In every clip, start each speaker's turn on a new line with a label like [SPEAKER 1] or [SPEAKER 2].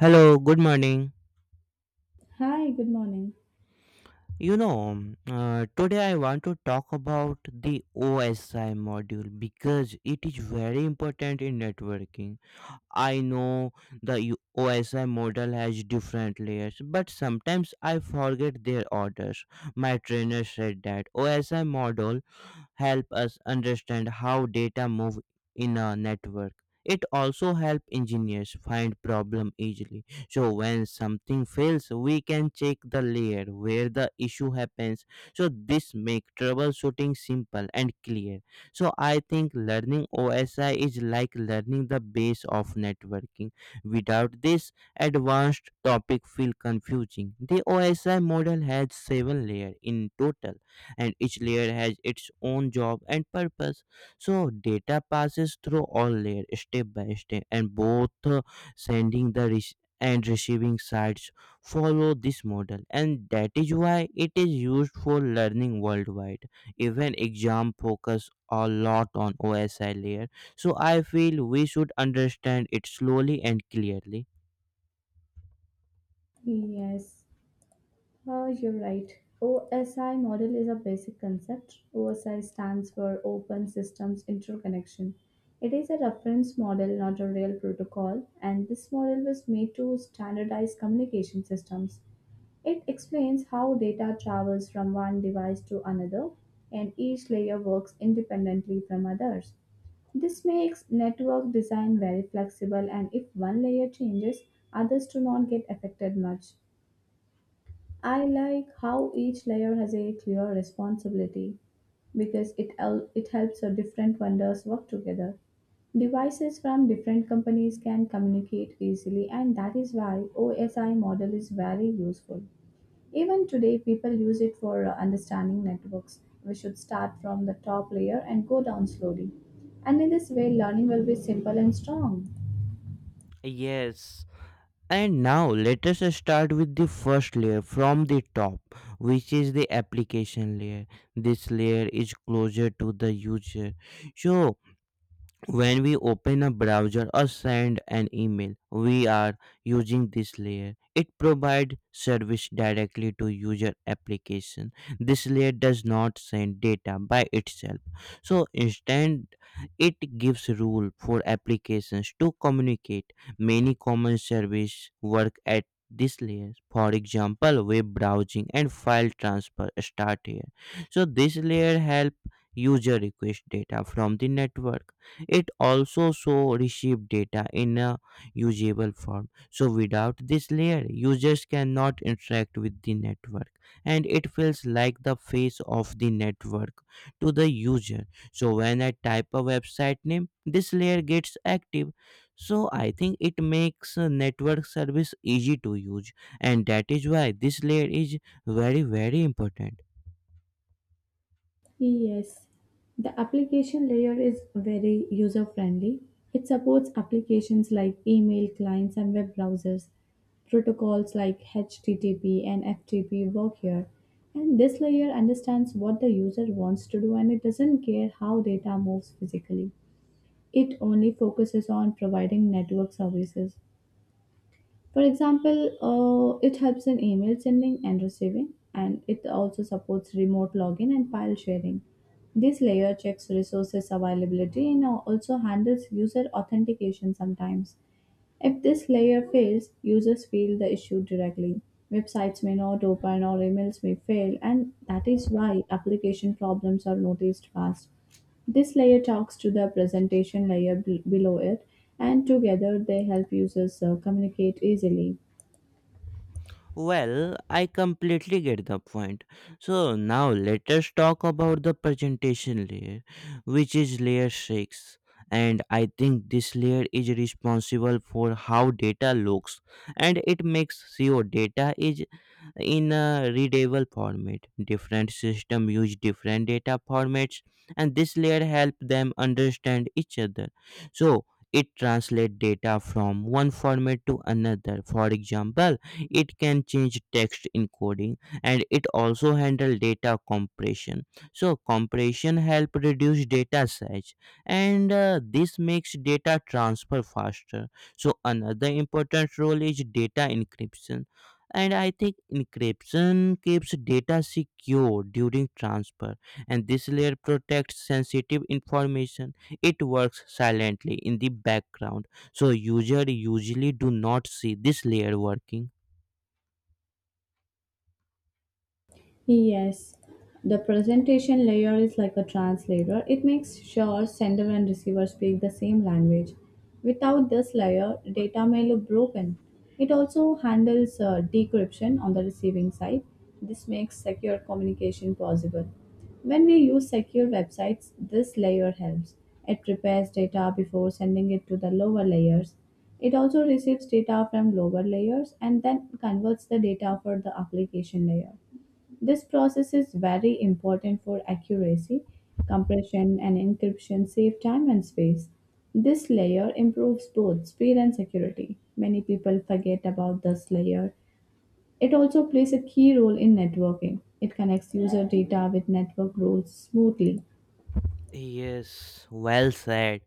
[SPEAKER 1] Hello, good morning.
[SPEAKER 2] Hi, good morning.
[SPEAKER 1] Today I want to talk about the OSI module because it is very important in networking. I know OSI model has different layers, but sometimes I forget their orders. My trainer said that OSI model help us understand how data move in a network. It also help engineers find problem easily. So when something fails, we can check the layer where the issue happens. So this make troubleshooting simple and clear. So I think learning OSI is like learning the base of networking. Without this, advanced topic feel confusing. The OSI model has 7 layer in total, and each layer has its own job and purpose. So data passes through all layer step by step, and both sending the rec- and receiving sides follow this model, and that is why it is used for learning worldwide. Even exam focus a lot on OSI layer, so I feel we should understand it slowly and clearly.
[SPEAKER 2] Yes, you're right. OSI model is a basic concept. OSI stands for Open Systems Interconnection. It is a reference model, not a real protocol, and this model was made to standardize communication systems. It explains how data travels from one device to another, and each layer works independently from others. This makes network design very flexible and if one layer changes, others do not get affected much. I like how each layer has a clear responsibility because it helps the different vendors work together. Devices from different companies can communicate easily and that is why OSI model is very useful. Even today, people use it for understanding networks. We should start from the top layer and go down slowly. And in this way, learning will be simple and strong.
[SPEAKER 1] Yes. And now let us start with the first layer from the top, which is the application layer. This layer is closer to the user. So when we open a browser or send an email, we are using this layer. It provides service directly to user application. This layer does not send data by itself. So instead, it gives rule for applications to communicate. Many common service work at this layer. For example, web browsing and file transfer start here. So this layer help user request data from the network. It also so received data in a usable form. So without this layer, users cannot interact with the network, and it feels like the face of the network to the user. So when I type a website name, this layer gets active. So I think it makes a network service easy to use, and that is why this layer is very, very important.
[SPEAKER 2] Yes, the application layer is very user friendly. It supports applications like email clients and web browsers. Protocols like HTTP and FTP work here. And this layer understands what the user wants to do and it doesn't care how data moves physically. It only focuses on providing network services. For example, it helps in email sending and receiving, and it also supports remote login and file sharing. This layer checks resources availability and also handles user authentication sometimes. If this layer fails, users feel the issue directly. Websites may not open or emails may fail, and that is why application problems are noticed fast. This layer talks to the below it, and together they help users communicate easily.
[SPEAKER 1] Well, I completely get the point. So now let us talk about the presentation layer, which is layer 6. And I think this layer is responsible for how data looks, and it makes sure data is in a readable format. Different systems use different data formats, and this layer help them understand each other. So it translates data from one format to another. For example, it can change text encoding, and it also handle data compression. So compression help reduce data size, and this makes data transfer faster. So another important role is data encryption, and I think encryption keeps data secure during transfer. And this layer protects sensitive information. It works silently in the background, so user usually do not see this layer working.
[SPEAKER 2] Yes, the presentation layer is like a translator. It makes sure sender and receiver speak the same language. Without this layer, data may look broken. It also handles decryption on the receiving side. This makes secure communication possible. When we use secure websites, this layer helps. It prepares data before sending it to the lower layers. It also receives data from lower layers and then converts the data for the application layer. This process is very important for accuracy, compression, and encryption save time and space. This layer improves both speed and security. Many people forget about this layer. It also plays a key role in networking. It connects user data with network rules smoothly.
[SPEAKER 1] Yes, well said.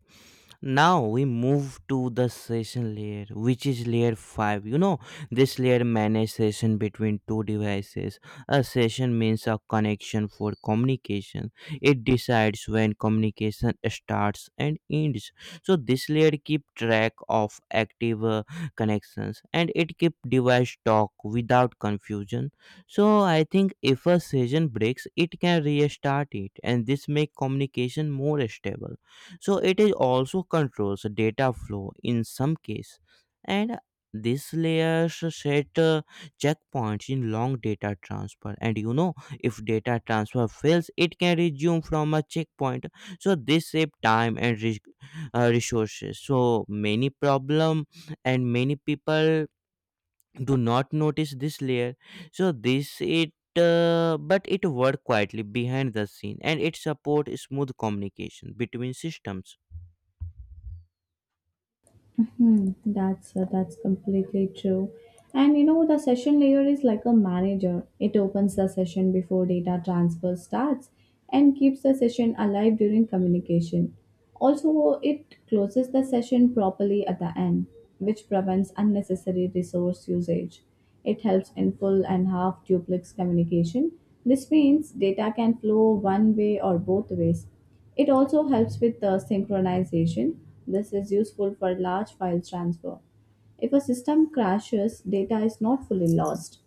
[SPEAKER 1] Now we move to the session layer, which is layer 5. You know, this layer manages session between two devices. A session means a connection for communication. It decides when communication starts and ends. So this layer keep track of active connections, and it keep device talk without confusion. So I think if a session breaks, it can restart it, and this make communication more stable. So it is also controls data flow in some case, and this layers set checkpoints in long data transfer. And you know, if data transfer fails, it can resume from a checkpoint. So this save time and resources. So many problem and many people do not notice this layer. So this it but it work quietly behind the scene, and it support smooth communication between systems.
[SPEAKER 2] Hmm, that's completely true. And you know the session layer is like a manager. It opens the session before data transfer starts and keeps the session alive during communication. Also, it closes the session properly at the end, which prevents unnecessary resource usage. It helps in full and half duplex communication. This means data can flow one way or both ways it also helps with the synchronization. This is useful for large file transfer. If a system crashes, data is not fully lost.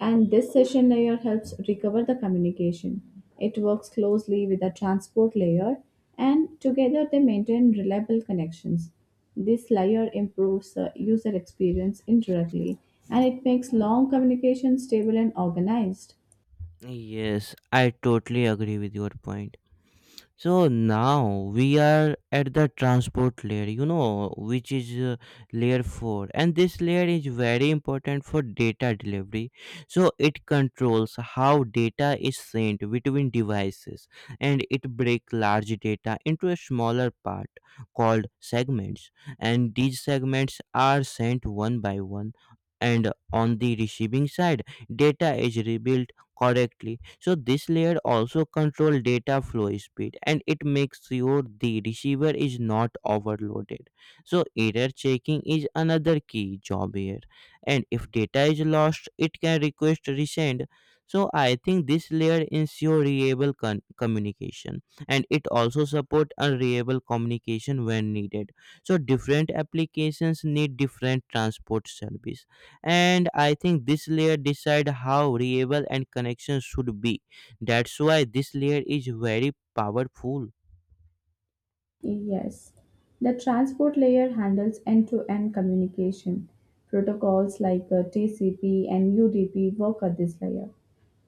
[SPEAKER 2] And this session layer helps recover the communication. It works closely with the transport layer, and together they maintain reliable connections. This layer improves the user experience indirectly, and it makes long communication stable and organized.
[SPEAKER 1] Yes, I totally agree with your point. So now we are at the transport layer, you know, which is layer 4, and this layer is very important for data delivery. So it controls how data is sent between devices, and it breaks large data into a smaller part called segments, and these segments are sent one by one. And on the receiving side, data is rebuilt correctly. So this layer also control data flow speed, and it makes sure the receiver is not overloaded. So error checking is another key job here. And if data is lost, it can request resend. So I think this layer ensure communication, and it also support unreliable communication when needed. So different applications need different transport service, and I think this layer decide how reliable and connection should be. That's why this layer is very powerful.
[SPEAKER 2] Yes. The transport layer handles end-to-end communication. Protocols like TCP and UDP work at this layer.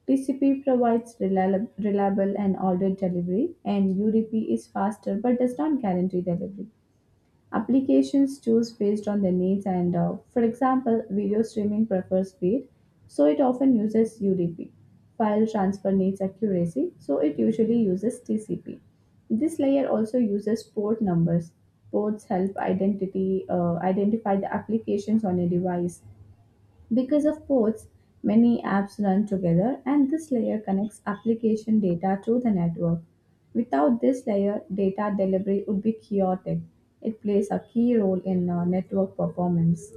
[SPEAKER 2] TCP provides reliable and ordered delivery, and UDP is faster but does not guarantee delivery. Applications choose based on their needs, and for example, video streaming prefers speed, so it often uses UDP. File transfer needs accuracy, so it usually uses TCP. This layer also uses port numbers. Ports help identity identify the applications on a device. Because of ports, many apps run together, and this layer connects application data to the network. Without this layer, data delivery would be chaotic. It plays a key role in network performance.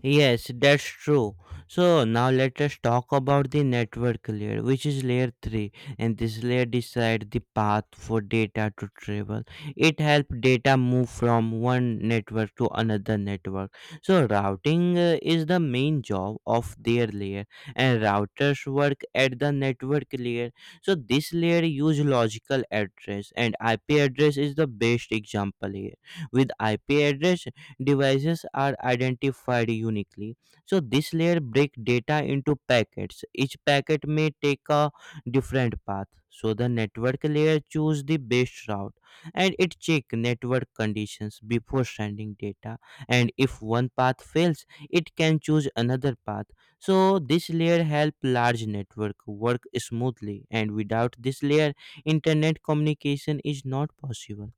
[SPEAKER 1] Yes, that's true. So now let us talk about the network layer, which is layer 3, and this layer decides the path for data to travel. It helps data move from one network to another network. So routing is the main job of their layer, and routers work at the network layer. So this layer use logical address, and IP address is the best example here. With IP address, devices are identified uniquely. So this layer break data into packets. Each packet may take a different path. So the network layer choose the best route, and it check network conditions before sending data. And if one path fails, it can choose another path. So this layer help large network work smoothly, and without this layer internet communication is not possible.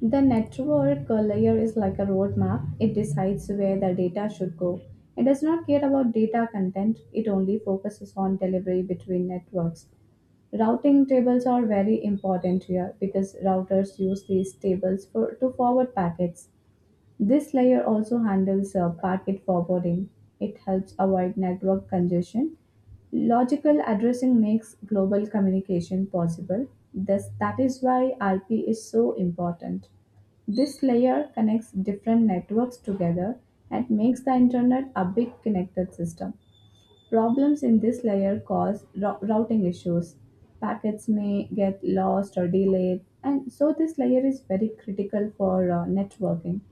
[SPEAKER 2] The network layer is like a roadmap, it decides where the data should go. It does not care about data content, it only focuses on delivery between networks. Routing tables are very important here because routers use these tables for, to forward packets. This layer also handles packet forwarding. It helps avoid network congestion. Logical addressing makes global communication possible. Thus, that is why IP is so important. This layer connects different networks together and makes the internet a big connected system. Problems in this layer cause routing issues. Packets may get lost or delayed, and so this layer is very critical for networking.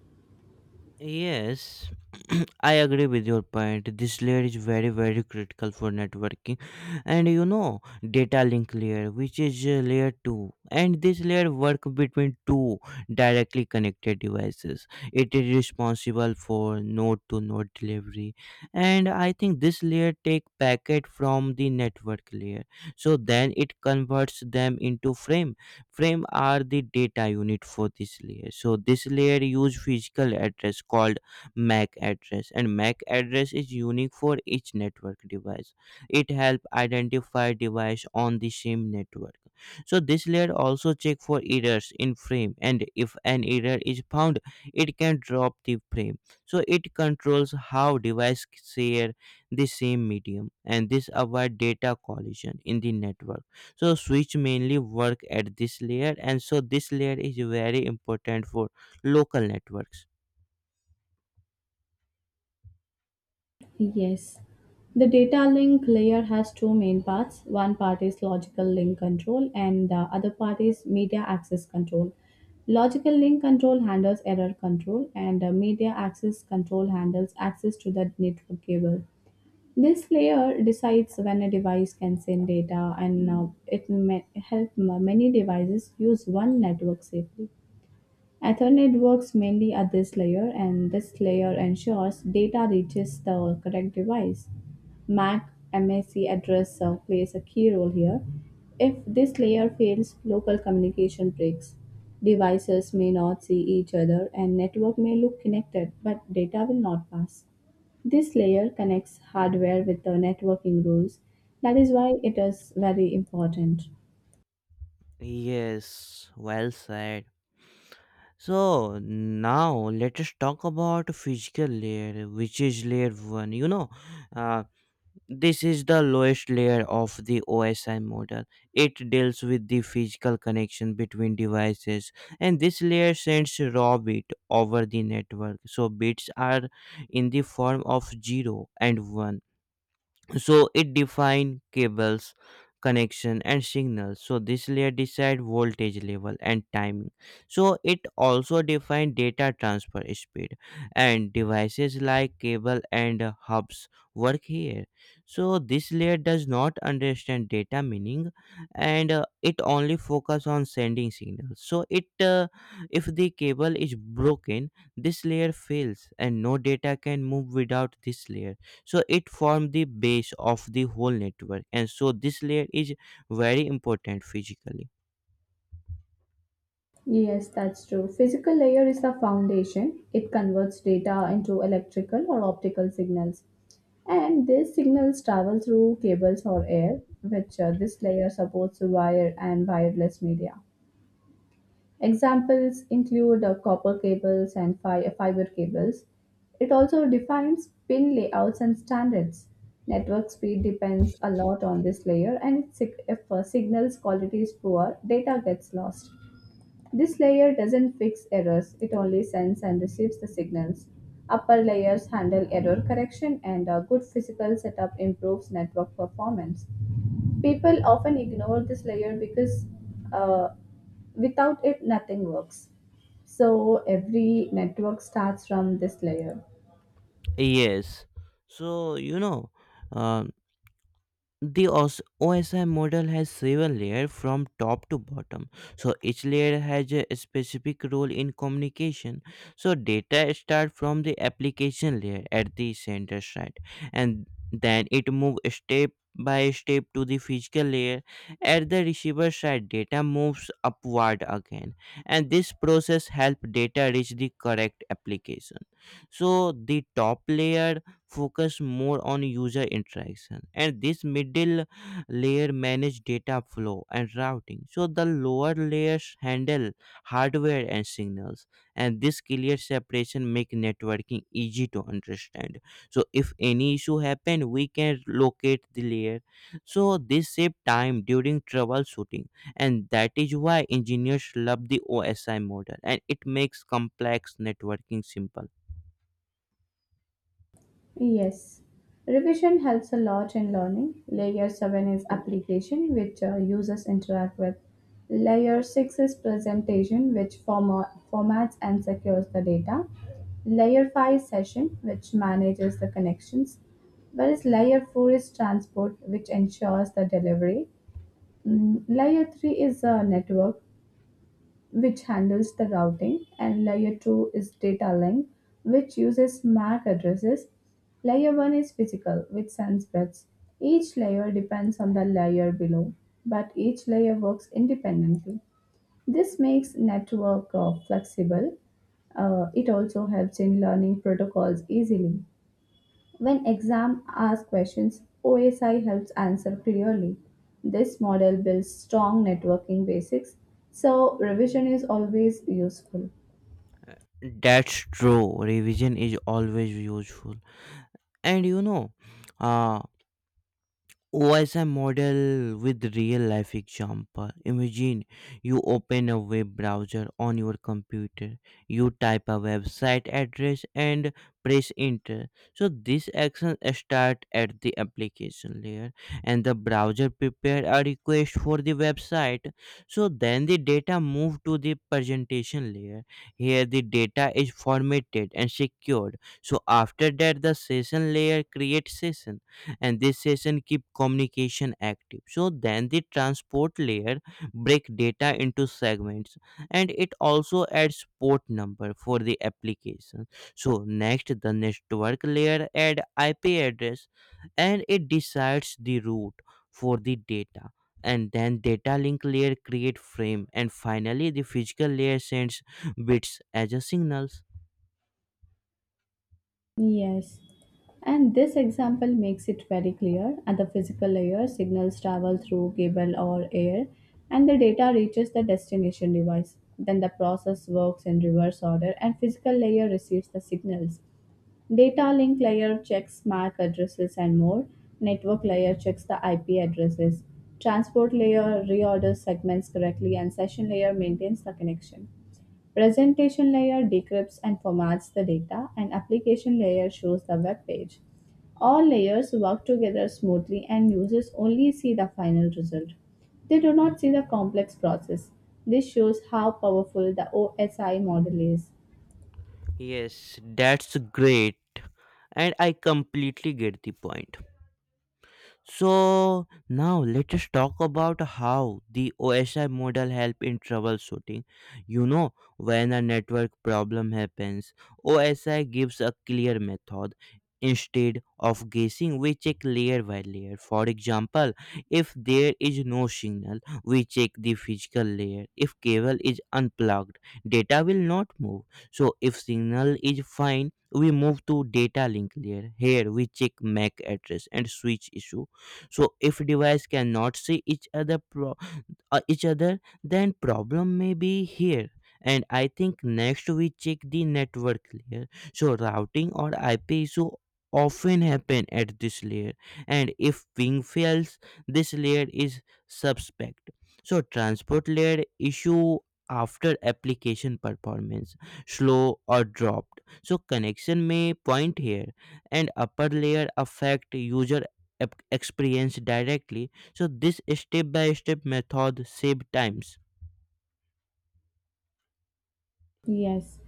[SPEAKER 1] Yes, I agree with your point. This layer is very, very critical for networking, and you know, data link layer, which is layer two, and this layer work between two directly connected devices. It is responsible for node-to-node delivery, and I think this layer take packet from the network layer, so then it converts them into frame. Frame are the data unit for this layer. So this layer use physical address called MAC address, and MAC address is unique for each network device. It help identify device on the same network. So this layer also check for errors in frame, and if an error is found, it can drop the frame. So it controls how device share the same medium, and this avoid data collision in the network. So switch mainly work at this layer, and so this layer is very important for local networks.
[SPEAKER 2] Yes. The data link layer has two main parts. One part is logical link control, and the other part is media access control. Logical link control handles error control, and media access control handles access to the network cable. This layer decides when a device can send data, and it may help ma- many devices use one network safely. Ethernet works mainly at this layer, and this layer ensures data reaches the correct device. MAC address plays a key role here. If this layer fails, local communication breaks. Devices may not see each other, and network may look connected, but data will not pass. This layer connects hardware with the networking rules. That is why it is very important.
[SPEAKER 1] Yes, well said. So now let us talk about physical layer, which is layer 1. You know, uh, this is the lowest layer of the OSI model. It deals with the physical connection between devices, and this layer sends raw bit over the network. So bits are in the form of 0 and 1. So it define cables connection and signals. So this layer decide voltage level and timing. So it also define data transfer speed, and devices like cable and hubs work here. So this layer does not understand data meaning, and it only focus on sending signals. So it if the cable is broken, this layer fails, and no data can move without this layer. So it forms the base of the whole network, and so this layer is very important physically.
[SPEAKER 2] Yes, that's true. Physical layer is the foundation. It converts data into electrical or optical signals. And these signals travel through cables or air, which this layer supports wire and wireless media. Examples include copper cables and fiber cables. It also defines pin layouts and standards. Network speed depends a lot on this layer, and if signals quality is poor, data gets lost. This layer doesn't fix errors, it only sends and receives the signals. Upper layers handle error correction, and a good physical setup improves network performance. People often ignore this layer because uh, without it, nothing works. So, every network starts from this layer.
[SPEAKER 1] Yes. So you know, uh, The OS OSI model has 7 layers from top to bottom. So each layer has a specific role in communication. So data start from the application layer at the center side, and then it move step by step to the physical layer. At the receiver side, data moves upward again, and this process help data reach the correct application. So the top layer focus more on user interaction, and this middle layer manage data flow and routing. So the lower layers handle hardware and signals, and this clear separation make networking easy to understand. So if any issue happen, we can locate the layer. So this save time during troubleshooting, and that is why engineers love the OSI model, and it makes complex networking simple.
[SPEAKER 2] Yes, revision helps a lot in learning. Layer 7 is application, which users interact with. Layer 6 is presentation, which formats and secures the data. Layer 5 is session, which manages the connections. Whereas layer 4 is transport, which ensures the delivery. Mm, layer 3 is a network, which handles the routing, and layer 2 is data link, which uses MAC addresses. Layer 1 is physical, which sends bits. Each layer depends on the layer below, but each layer works independently. This makes network flexible. It also helps in learning protocols easily. When exam ask questions, OSI helps answer clearly. This model builds strong networking basics, so revision is always useful.
[SPEAKER 1] That's true. Revision is always useful. And you know, uh, was a model with real life example. Imagine you open a web browser on your computer, you type a website address and press enter. So this action start at the application layer, and the browser prepare a request for the website. So then the data move to the presentation layer. Here the data is formatted and secured. So after that, the session layer create session, and this session keep communication active. So then the transport layer break data into segments, and it also adds port number for the application. So next the network layer add IP address, and it decides the route for the data. And then data link layer create frame, and finally the physical layer sends bits as a signals.
[SPEAKER 2] Yes. And this example makes it very clear at the physical layer, signals travel through cable or air, and the data reaches the destination device. Then the process works in reverse order, and physical layer receives the signals. Data link layer checks MAC addresses and more. Network layer checks the IP addresses. Transport layer reorders segments correctly, and session layer maintains the connection. Presentation layer decrypts and formats the data, and application layer shows the web page. All layers work together smoothly, and users only see the final result. They do not see the complex process. This shows how powerful the OSI model is.
[SPEAKER 1] Yes, that's great, and I completely get the point. So now let us talk about how the OSI model help in troubleshooting. You know, when a network problem happens, OSI gives a clear method. Instead of guessing, we check layer by layer. For example, if there is no signal, we check the physical layer. If cable is unplugged, data will not move. So if signal is fine, we move to data link layer. Here we check MAC address and switch issue. So if device cannot see each other, then problem may be here. And I think next we check the network layer. So routing or IP issue often happen at this layer, and if ping fails this layer is suspect. So transport layer issue, after application performance slow or dropped, so connection may point here. And upper layer affect user experience directly. So this step by step method save times.
[SPEAKER 2] Yes,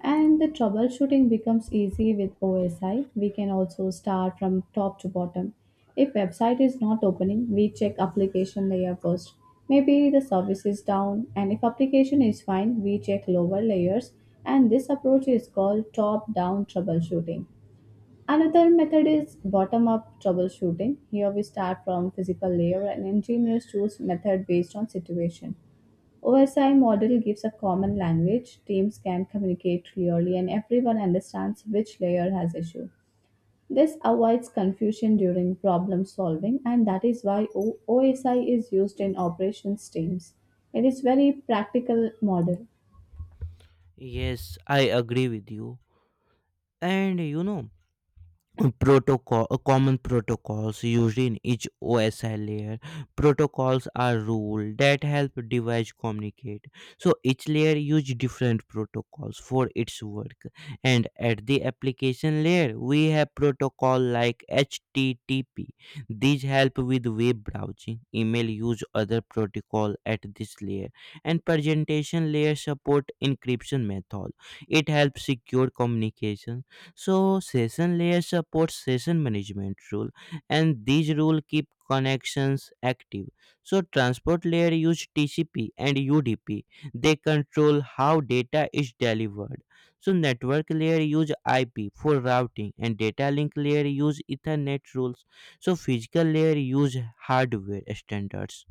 [SPEAKER 2] and the troubleshooting becomes easy with OSI. We can also start from top to bottom. If website is not opening, we check application layer first. Maybe the service is down, and if application is fine, we check lower layers. And this approach is called top-down troubleshooting. Another method is bottom up troubleshooting. Here we start from physical layer and engineers choose method based on situation. OSI model gives a common language, teams can communicate clearly and everyone understands which layer has issue. This avoids confusion during problem solving and that is why OSI is used in operations teams. It is very practical model.
[SPEAKER 1] Yes, I agree with you. And you know, Protocol, common protocols used in each OSI layer. Protocols are rule that help device communicate, so each layer use different protocols for its work. And at the application layer we have protocol like http. These help with web browsing, email use other protocol at this layer. And presentation layer support encryption method, it helps secure communication. So session layer supports session management rule, and these rule keep connections active. So transport layer use TCP and UDP. They control how data is delivered. So network layer use IP for routing and data link layer use ethernet rules. So physical layer use hardware standards.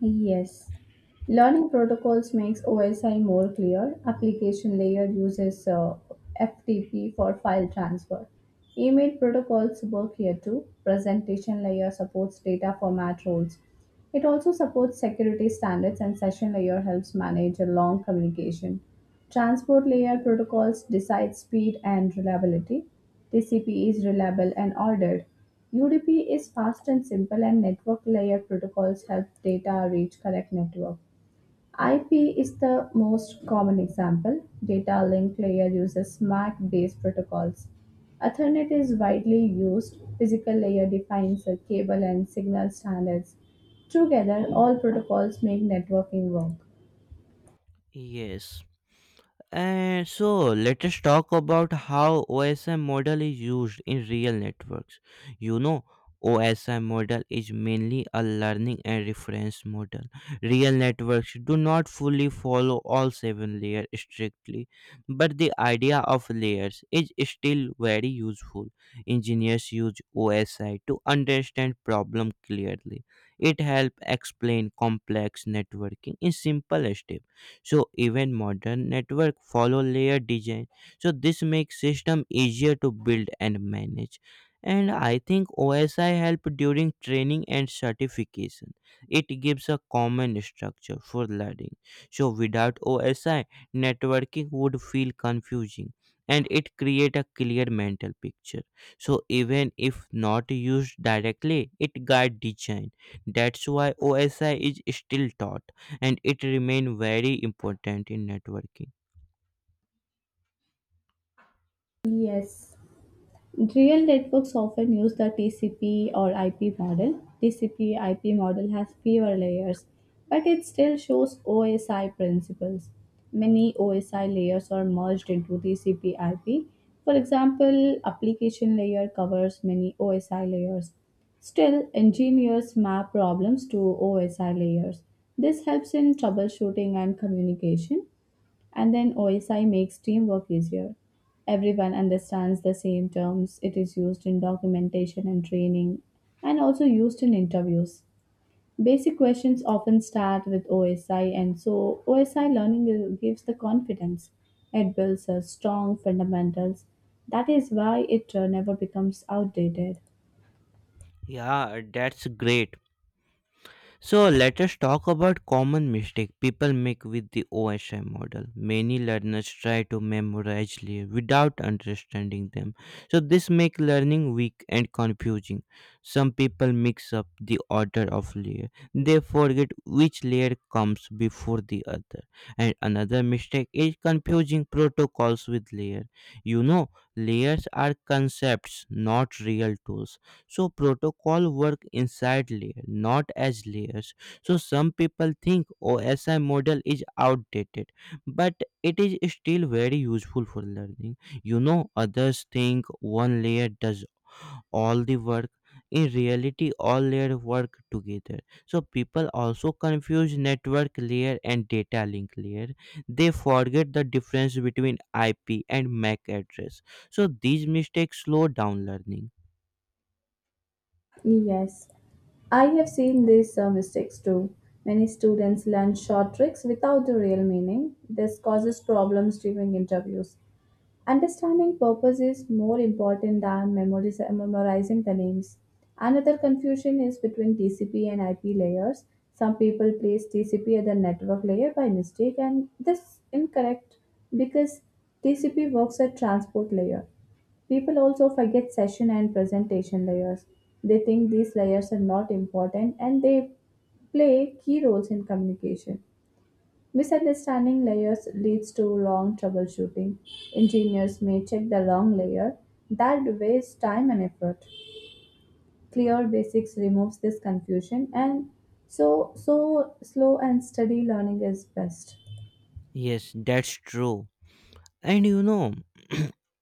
[SPEAKER 2] Yes. Learning protocols makes OSI more clear. Application layer uses FTP for file transfer. Email protocols work here too. Presentation layer supports data format roles. It also supports security standards and session layer helps manage a long communication. Transport layer protocols decide speed and reliability. TCP is reliable and ordered. UDP is fast and simple, and network layer protocols help data reach correct network. IP is the most common example. Data link layer uses MAC based protocols. Ethernet is widely used. Physical layer defines a cable and signal standards. Together, all protocols make networking work.
[SPEAKER 1] Yes. And so let us talk about how OSI model is used in real networks. You know, OSI model is mainly a learning and reference model. Real networks do not fully follow all seven layers strictly, but the idea of layers is still very useful. Engineers use OSI to understand problem clearly. It helps explain complex networking in simple steps. So even modern network follow layer design, so this makes system easier to build and manage. And I think OSI help during training and certification, it gives a common structure for learning. So without OSI, networking would feel confusing, and it create a clear mental picture. So even if not used directly, it guide design. That's why OSI is still taught, and it remain very important in networking.
[SPEAKER 2] Yes. Real networks often use the TCP or IP model. TCP IP model has fewer layers, but it still shows OSI principles. Many OSI layers are merged into TCP IP. For example, application layer covers many OSI layers. Still, engineers map problems to OSI layers. This helps in troubleshooting and communication. And then OSI makes teamwork easier. Everyone understands the same terms. It is used in documentation and training and also used in interviews. Basic questions often start with OSI, and so gives the confidence. It builds a strong fundamentals. That is why it never becomes outdated.
[SPEAKER 1] Yeah, that's great. So let us talk about common mistake people make with the OSI model. Many learners try to without understanding them. So this make learning weak and confusing. Some people mix up the order of layer. They forget which layer comes before the other. And another mistake is confusing protocols with layer. You know, Layers are concepts, not real tools, so protocol work inside layer, not as layers. So some people think OSI model is outdated, but it is still very useful for learning. You know, others think one layer does all the work. In reality, all layers work together. So people also confuse network layer and data link layer. They forget the difference between IP and MAC address. So these mistakes slow down learning.
[SPEAKER 2] Yes, I have seen these mistakes too. Many students learn short tricks without the real meaning. This causes problems during interviews. Understanding purpose is more important than memorizing the names. Another confusion is between TCP and IP layers. Some people place TCP at the network layer by mistake, and this is incorrect because TCP works at transport layer. People also forget session and presentation layers. They think these layers are not important and they play key roles in communication. Misunderstanding layers leads to long troubleshooting. Engineers may check the wrong layer. That wastes time and effort. Clear basics removes this confusion, and so slow and steady learning is best.
[SPEAKER 1] Yes, that's true. And you know,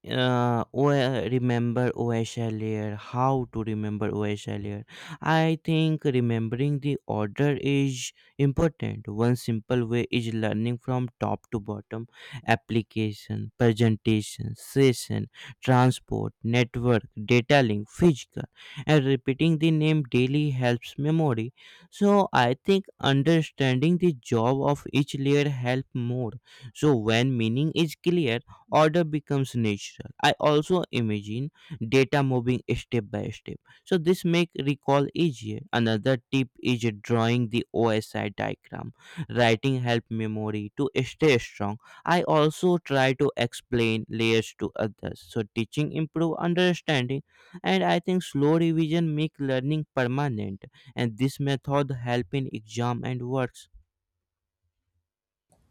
[SPEAKER 1] Remember OSL layer, how to remember OSL layer. I think remembering the order is important. One simple way is learning from top to bottom: application, presentation, session, transport, network, data link, physical, and repeating the name daily helps memory. So I think understanding the job of each layer help more. So when meaning is clear, order becomes natural. I also imagine data moving step by step. So this make recall easier. Another tip is drawing the OSI diagram. Writing help memory to stay strong. I also try to explain layers to others. So teaching improve understanding, and I think slow revision make learning permanent, and this method help in exam and works.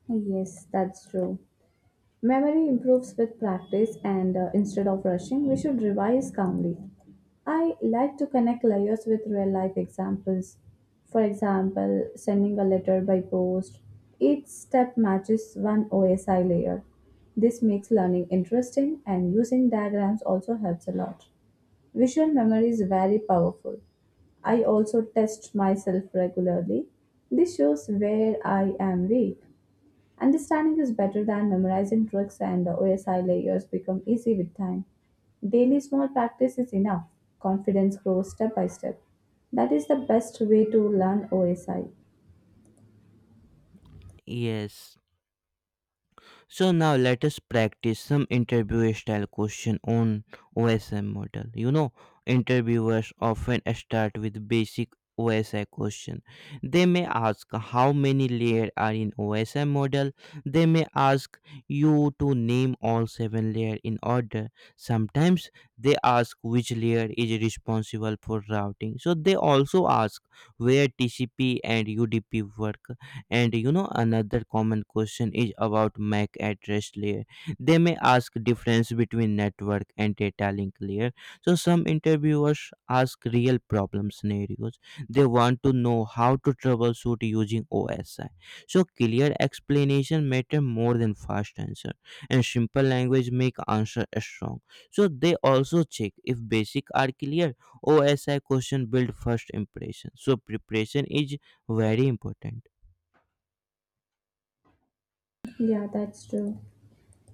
[SPEAKER 2] Yes, that's true. Memory improves with practice, and instead of rushing, we should revise calmly. I like to connect layers with real life examples. For example, sending a letter by post. Each step matches one OSI layer. This makes learning interesting, and using diagrams also helps a lot. Visual memory is very powerful. I also test myself regularly. This shows where I am weak. Understanding is better than memorizing tricks, and OSI layers become easy with time. Daily small practice is enough. Confidence grows step by step. That is the best way to learn OSI.
[SPEAKER 1] Yes. So now let us practice some interview style question on OSI model. Interviewers often start with basic OSI question. They may ask how many layers are in OSI model. They may ask you to name all seven layers in order. Sometimes they ask which layer is responsible for routing. So they also ask where TCP and UDP work. Another common question is about MAC address layer. They may ask difference between network and data link layer. So some interviewers ask real problem scenarios. They want to know how to troubleshoot using OSI. So clear explanation matter more than fast answer, and simple language make answer strong. So they also check if basic are clear. OSI question build first impression. So preparation is very important.
[SPEAKER 2] Yeah, that's true.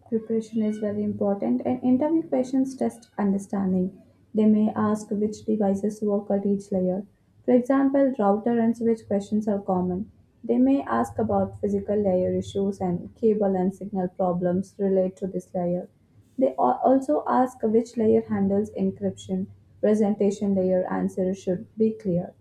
[SPEAKER 2] Preparation is very important, and interview questions test understanding. They may ask which devices work at each layer. For example, router and switch questions are common. They may ask about physical layer issues, and cable and signal problems relate to this layer. They also ask which layer handles encryption. Presentation layer answers should be clear.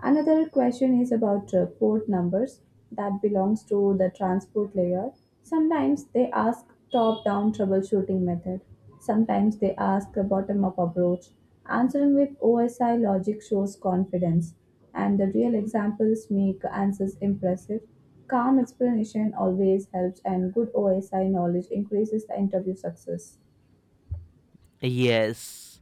[SPEAKER 2] Another question is about port numbers that belongs to the transport layer. Sometimes they ask top-down troubleshooting method. Sometimes they ask a bottom-up approach. Answering with OSI logic shows confidence, and the real examples make answers impressive. Calm explanation always helps, and good OSI knowledge increases the interview success.
[SPEAKER 1] Yes.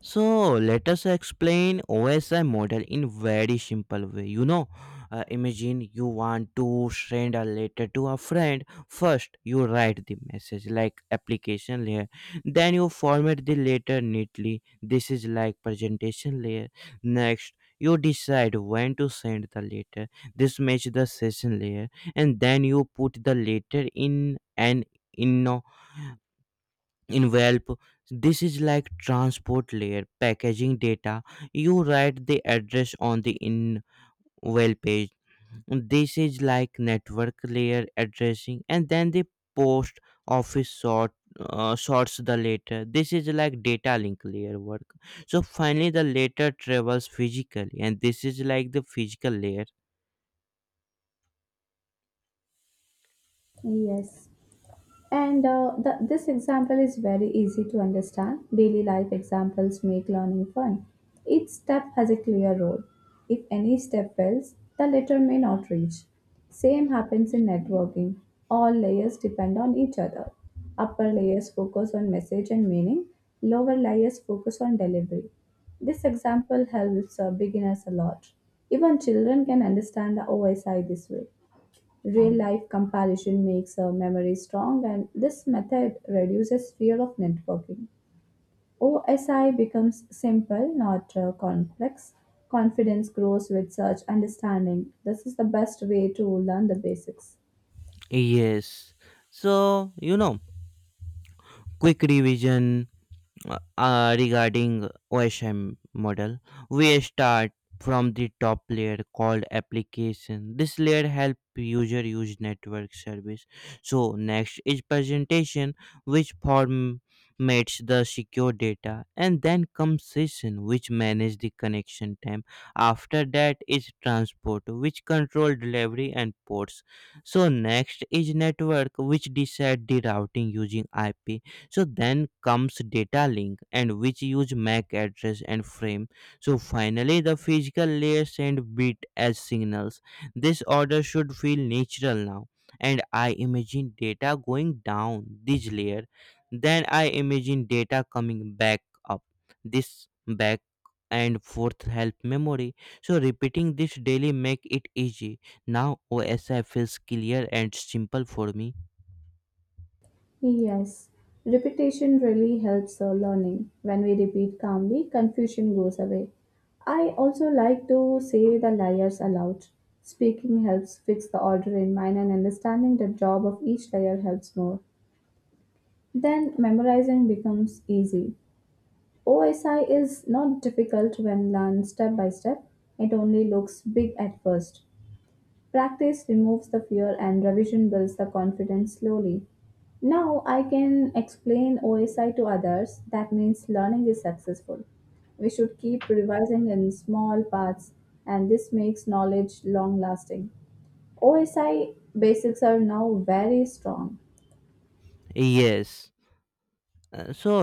[SPEAKER 1] So let us explain OSI model in very simple way. Imagine you want to send a letter to a friend. First, you write the message like application layer. Then you format the letter neatly. This is like presentation layer. Next, you decide when to send the letter. This match the session layer. And then you put the letter in an inno envelope. This is like transport layer packaging data. You write the address on the invalid page. This is like network layer addressing. And then the post office sort sorts the letter. This is like data link layer work. So finally the letter travels physically, and this is like the physical layer.
[SPEAKER 2] Yes. And this example is very easy to understand. Daily life examples make learning fun. Each step has a clear role. If any step fails, the letter may not reach. Same happens in networking. All layers depend on each other. Upper layers focus on message and meaning, lower layers focus on delivery. This example helps beginners a lot. Even children can understand the OSI this way. Real life comparison makes a memory strong, and this method reduces fear of networking. OSI becomes simple, not complex. Confidence grows with such understanding. This is the best way to learn the basics.
[SPEAKER 1] Yes. so you know quick revision. Regarding OSM model, we start from the top layer called application. This layer help user use network service. So next is presentation, which formats the secure data, and then comes session, which manage the connection time. After that is transport, which control delivery and ports. So next is network, which decide the routing using IP. So then comes data link, and which use MAC address and frame. So finally the physical layer send bit as signals. This order should feel natural now, and I imagine data going down this layer, then I imagine data coming back up. This back and forth help memory. So repeating this daily make it easy. Now OSI feels clear and simple for me.
[SPEAKER 2] Yes, repetition really helps our learning. When we repeat calmly, confusion goes away. I also like to say the layers aloud. Speaking helps fix the order in mind, and understanding the job of each layer helps more. Then memorizing becomes easy. OSI is not difficult when learned step by step, it only looks big at first. Practice removes the fear, and revision builds the confidence slowly. Now I can explain OSI to others. That means learning is successful. We should keep revising in small parts, and this makes knowledge long lasting. OSI basics are now very strong.
[SPEAKER 1] Yes. So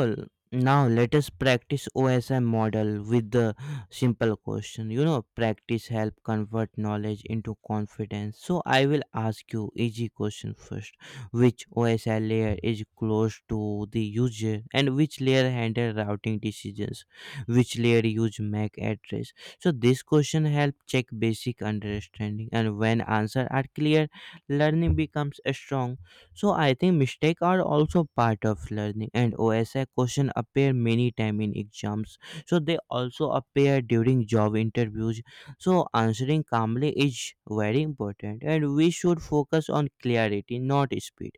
[SPEAKER 1] now let us practice OSM model with the simple question. Practice help convert knowledge into confidence. So I will ask you easy question first. Which OSI layer is close to the user, and which layer handle routing decisions? Which layer use MAC address? So this question help check basic understanding, and when answer are clear, learning becomes strong. So I think mistakes are also part of learning, and OSI question appear many time in exams. So they also appear during job interviews. So answering calmly is very important, and we should focus on clarity, not speed.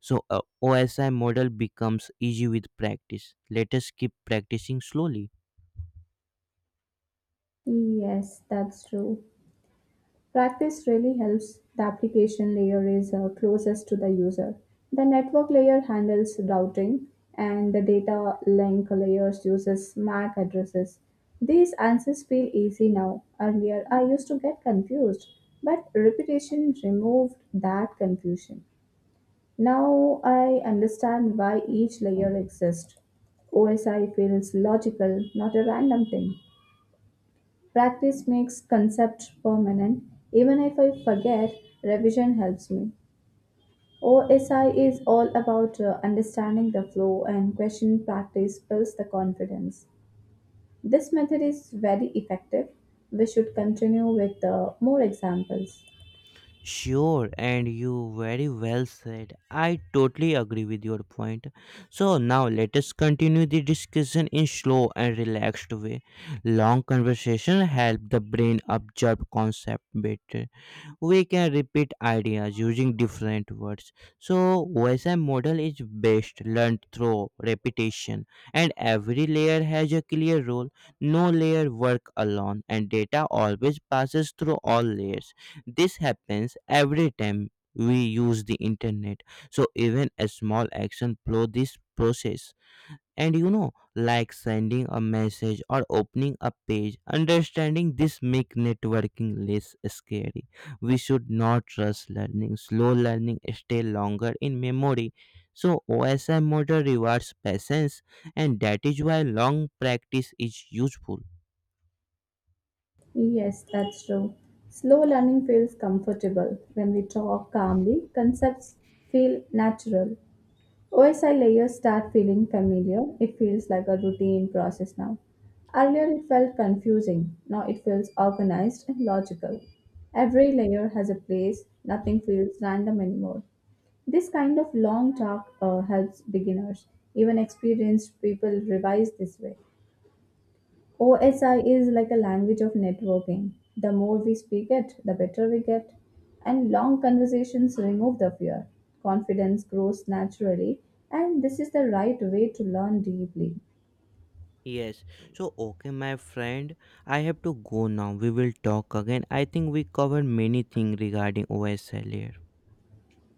[SPEAKER 1] So a OSI model becomes easy with practice. Let us keep practicing slowly.
[SPEAKER 2] Yes, that's true. Practice really helps. The application layer is closest to the user. The network layer handles routing, and the data link layers uses MAC addresses. These answers feel easy now. Earlier, I used to get confused, but repetition removed that confusion. Now I understand why each layer exists. OSI feels logical, not a random thing. Practice makes concepts permanent. Even if I forget, revision helps me. OSI is all about understanding the flow, and question practice builds the confidence. This method is very effective. We should continue with more examples.
[SPEAKER 1] Sure, and you very well said. I totally agree with your point. So now let us continue the discussion in slow and relaxed way. Long conversation help the brain absorb concept better, we can repeat ideas using different words. So, OSM model is best learned through repetition, and every layer has a clear role. No layer work alone, and data always passes through all layers. This happens every time we use the internet. So, even a small action follow this process, and like sending a message or opening a page, understanding this make networking less scary. We should not rush learning, slow learning stay longer in memory. So OSM model rewards patience, and that is why long practice is useful.
[SPEAKER 2] Yes, that's true. Slow learning feels comfortable. When we talk calmly, concepts feel natural. OSI layers start feeling familiar. It feels like a routine process now. Earlier it felt confusing. Now it feels organized and logical. Every layer has a place. Nothing feels random anymore. This kind of long talk helps beginners. Even experienced people revise this way. OSI is like a language of networking. The more we speak it, the better we get. And long conversations remove the fear. Confidence grows naturally, and this is the right way to learn deeply.
[SPEAKER 1] Yes. So okay my friend, I have to go now, we will talk again. I think we covered many things regarding OSL here.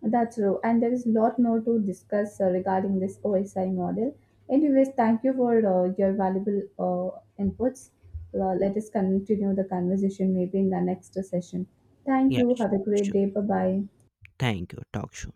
[SPEAKER 2] That's true, and there is a lot more to discuss regarding this OSI model. Anyways, thank you for your valuable inputs. Let us continue the conversation maybe in the next session. Thank
[SPEAKER 1] yeah
[SPEAKER 2] you.
[SPEAKER 1] sh-
[SPEAKER 2] Have a great
[SPEAKER 1] sure,
[SPEAKER 2] day. Bye bye.
[SPEAKER 1] thank you, talk soon.